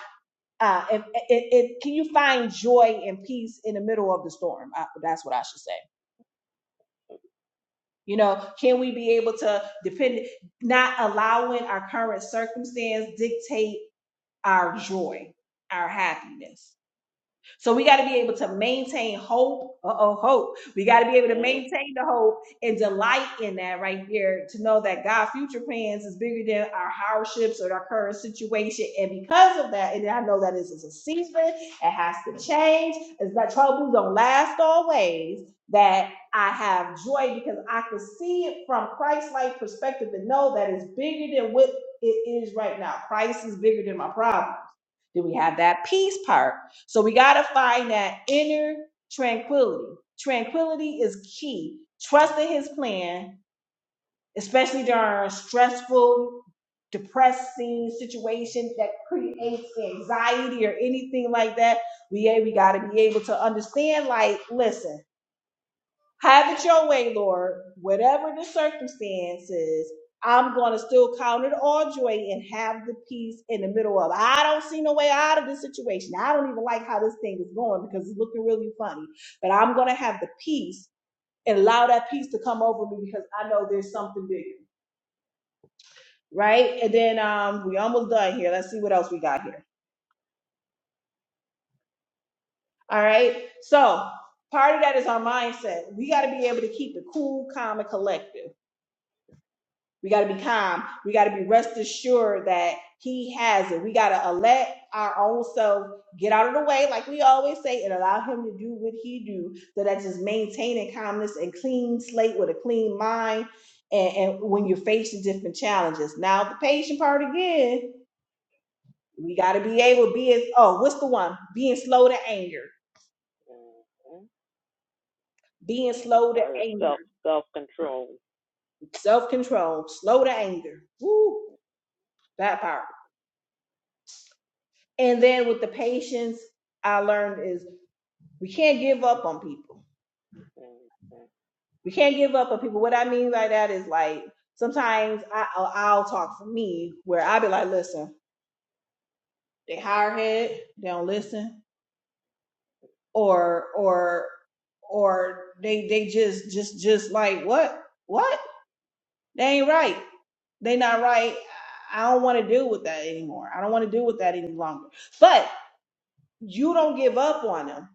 S1: Uh, if, it, it, can you find joy and peace in the middle of the storm? Uh that's what I should say. You know, can we be able to depend not allowing our current circumstance dictate our joy, our happiness? So we got to be able to maintain hope. Uh oh, hope. We got to be able to
S3: hey,
S1: maintain the hope and delight in that right there to know that God's future plans is bigger than our hardships or our current situation. And because of that, and I know that this is a season, it has to change. It's that troubles don't last always. That I have joy because I can see it from Christ-like perspective and know that it's bigger than what it is right now. Christ is bigger than my problem. Do we have that peace part? So we got to find that inner tranquility. Tranquility is key. Trusting his plan, especially during a stressful, depressing situation that creates anxiety or anything like that. We, hey, we got to be able to understand, like, listen. Have it your way, Lord. Whatever the circumstances, I'm going to still count it all joy and have the peace in the middle of. it. I don't see no way out of this situation. I don't even like how this thing is going because it's looking really funny. But I'm going to have the peace and allow that peace to come over me because I know there's something bigger, right? And then um, we almost done here. Let's see what else we got here. All right. So part of that is our mindset. We got to be able to keep it cool, calm, and collected We got to be calm. We got to be rest assured that He has it. We got to let our own self get out of the way, like we always say, and allow Him to do what He do. So that's just maintaining calmness and clean slate with a clean mind. And, and when you're facing different challenges, now the patient part again, we got to be able to be as oh, what's the one? Being slow to anger,
S3: mm, mm,
S1: being
S3: that's
S1: slow to
S3: part of
S1: anger,
S3: self self control.
S1: self control, slow to anger. Woo, that part. And then with the patience. I learned is we can't give up on people.
S3: Mm,
S1: We can't give up on people. What I mean by that is like sometimes I, I'll, I'll talk for me where I'll be like, listen, they hire head, they don't listen, or or or they they just just just like what what they ain't right, they not right. I don't want to deal with that anymore. I don't want to deal with that any longer. But. you don't give up on them,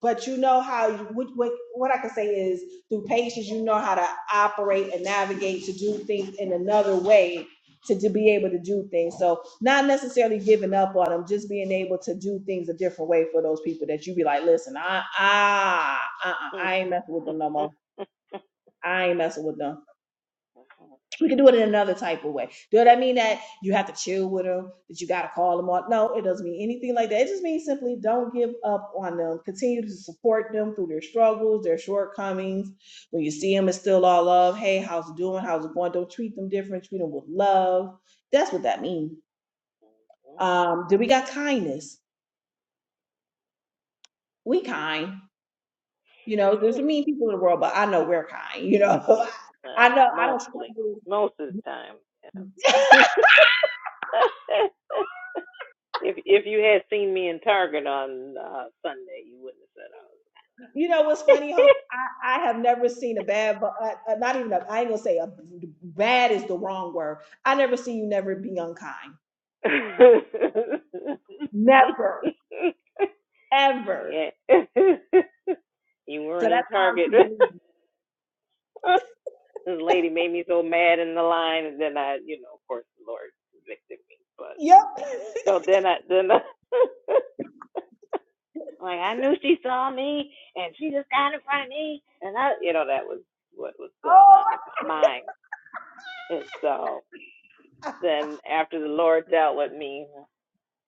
S1: but you know how what, what what I can say is through patience, you know how to operate and navigate to do things in another way to, to be able to do things. So not necessarily giving up on them, just being able to do things a different way for those people that you be like, listen, I ah uh-uh,
S3: mm, mm,
S1: I ain't messing with them no
S3: mm,
S1: more. I ain't messing with them we can do it in another type of way. Does that mean that you have to chill with them, that you got to call them on? No, it doesn't mean anything like that. It just means simply don't give up on them. Continue to support them through their struggles, their shortcomings. When you see them, it's still all love. Hey, how's it doing? How's it going? Don't treat them different. Treat them with love. That's what that means. Um, then we got kindness. We kind. You know, there's
S3: mm.
S1: some mean people in the world, but I know we're kind. You
S3: *laughs* yeah,
S1: know, *laughs* I
S3: well,
S1: know I don't
S3: mostly,
S1: struggle.
S3: most of the time. Yeah. *laughs* if if you had seen me in Target on uh, Sunday, you wouldn't have said
S1: You know what's funny, Hope? I, I have never seen a bad, but uh, uh, not even a, I ain't gonna say a bad is the wrong word. I never seen you never be unkind.
S3: I was.
S1: Never,
S3: *laughs*
S1: ever.
S3: *laughs* yeah, *laughs* you
S1: So
S3: weren't in
S1: that's hard
S3: Target.
S1: to believe.
S3: *laughs* this lady made me so mad in the line, and then I, you know, of course, the Lord convicted me. But
S1: Yep. *laughs*
S3: so then I, then I, *laughs* like I knew she saw me, and she just got in front of me, and I, you know, that was what was going
S1: oh,
S3: on in my mind. And so then after the Lord dealt with me,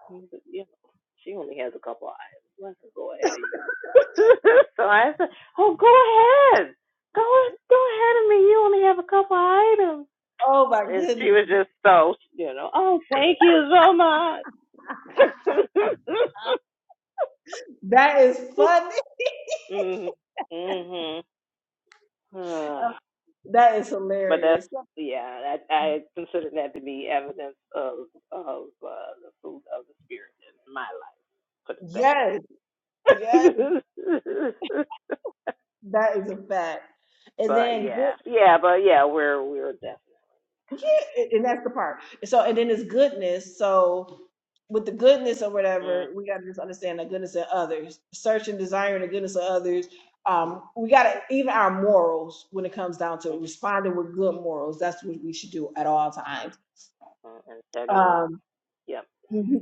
S3: he said, you know, she only has a couple eyes. Let her go ahead of you. *laughs* so I said, oh, go ahead, go, go ahead of me. You only have a couple items
S1: oh my
S3: and she
S1: goodness.
S3: was just so, you know, oh, thank you so much. *laughs*
S1: That is funny.
S3: mm-hmm. Mm-hmm.
S1: Um, That is
S3: *sighs* but that's,
S1: hilarious.
S3: yeah, I, I consider that to be evidence of of uh, the fruit of the spirit in my life. Put
S1: Yes, yes,
S3: it that way. *laughs*
S1: that is a fact. And
S3: but
S1: then good,
S3: yeah, yeah, but yeah, we're we're definitely
S1: yeah, and that's the part. So, and then it's goodness. So, with the goodness or whatever, we got to just understand the goodness of others, search and desire the goodness of others. Um, we got to even our morals when it comes down to
S3: mm-hmm.
S1: responding with good morals. That's what we should do at all times.
S3: integrity.
S1: Um,
S3: Yep,
S1: *laughs* mhm.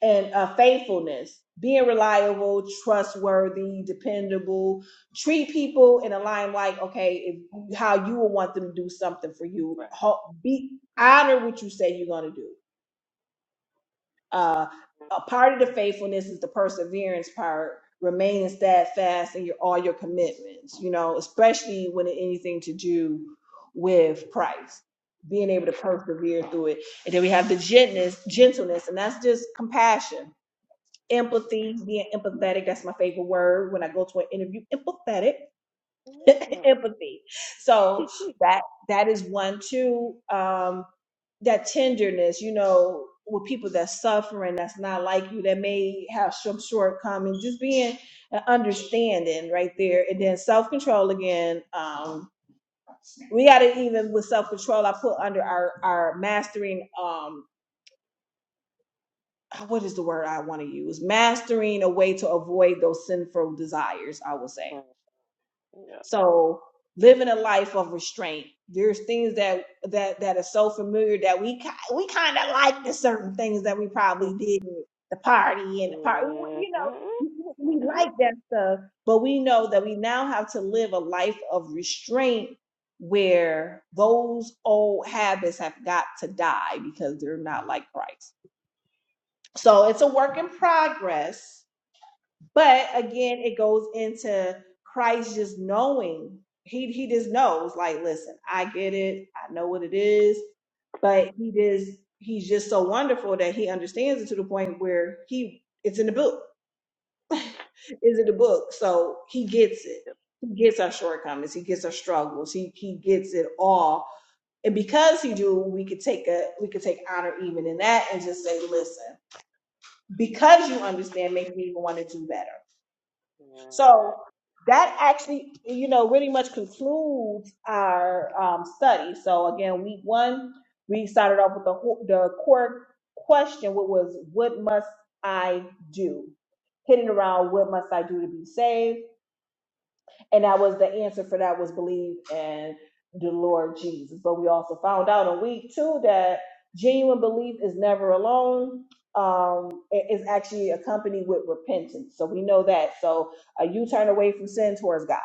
S1: and uh, faithfulness, being reliable, trustworthy, dependable. Treat people in a line like okay, if how you would want them to do something for you.
S3: right.
S1: Ho- Be honor what you say you're gonna do Uh, a part of the faithfulness is the perseverance part, remaining steadfast in your all your commitments. You know, especially when it anything to do with Christ, being able to persevere through it. And then we have the gentleness, gentleness, and that's just compassion, empathy, being empathetic. That's my favorite word when I go to an interview. Empathetic *laughs* empathy. So that that is one Two, Um, that tenderness, you know, with people that's suffering, that's not like you, that may have some shortcomings, just being an understanding right there, and then self control again. Um, we got to even with self control, I put under our our mastering. Um, what is the word I want to use? Mastering a way to avoid those sinful desires, I will say
S3: Mm-hmm. Yep.
S1: So living a life of restraint. There's things that that that are so familiar that we ki- we kind of like the certain things that we probably did at the party and the party.
S3: Mhm.
S1: You know, we we
S3: Yeah.
S1: like that stuff, but we know that we now have to live a life of restraint where those old habits have got to die because they're not like Christ. So it's a work in progress but again, it goes into Christ just knowing. He he just knows, like, listen, I get it, I know what it is, but he just he's just so wonderful that he understands it to the point where he it's in the book. *laughs* is in the book. So he gets it. He gets our shortcomings, he gets our struggles, he he gets it all. And because he do, we could take a we could take honor even in that and just say, listen, because you understand, make me even want to do better
S3: Mhm.
S1: so that actually, you know, really much concludes our um, study. So again, week one, we started off with the ho- the core question, which was, "What must I do?" Hitting around, "What must I do to be saved?" And that was the answer for that was believe in the Lord Jesus. But we also found out in week two that genuine belief is never alone. Um, it is actually accompanied with repentance. So we know that. So uh, you turn away from sin towards God.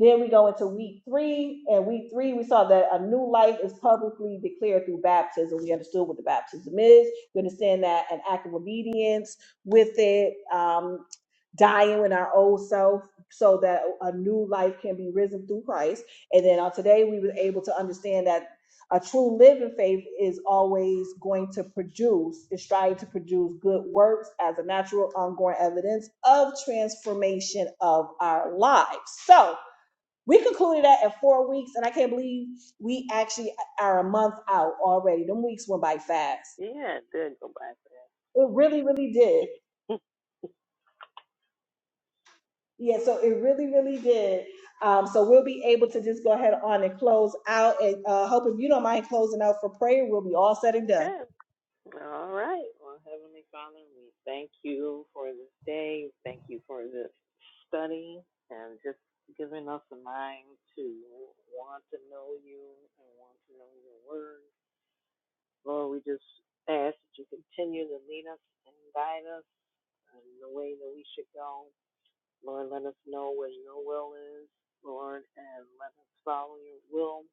S1: Then we go into week three, and week three we saw that a new life is publicly declared through baptism. We understood what the baptism is. We understand that an act of obedience with it. um, dying in our old self so that a new life can be risen through Christ. And then on today, we were able to understand that a true living faith is always going to produce, is striving to produce good works as a natural, ongoing evidence of transformation of our lives. So we concluded that at four weeks, and I can't believe we actually are a month out already. Them weeks went by fast.
S3: Yeah, Good. did go by
S1: It really, really did.
S3: *laughs*
S1: Yeah, so it really, really did. Um, so we'll be able to just go ahead on and close out. And uh, hope if you don't mind closing out for prayer, we'll be all said and done.
S3: okay. All right. Well, Heavenly Father, we thank you for this day. Thank you for this study and just giving us a mind to want to know you and want to know your word. Lord, we just ask that you continue to lead us and guide us in the way that we should go. Lord, let us know where your will is, Lord, and let us follow your will.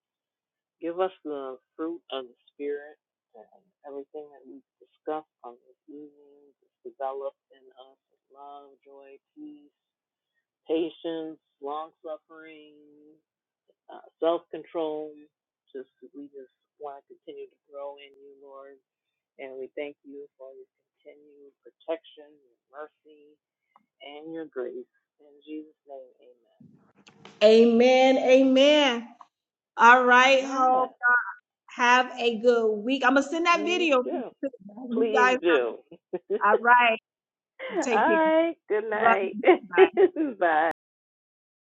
S3: Give us the fruit of the Spirit and everything that we've discussed on this evening is developed in us love, joy, peace, patience, long suffering, uh, self control. Just we just want to continue to grow in you, Lord, and we thank you for your continued protection, your mercy, and your grace. In Jesus' name,
S1: Amen. Amen. All right,
S3: amen. Amen.
S1: hope. Have a good week. I'm gonna send that
S3: Please
S1: video to
S3: do.
S1: you
S3: Please
S1: guys.
S3: do. *laughs*
S1: All right,
S3: All
S1: take care.
S3: right. Good
S1: Love
S3: night.
S1: you. Bye.
S3: *laughs* Bye.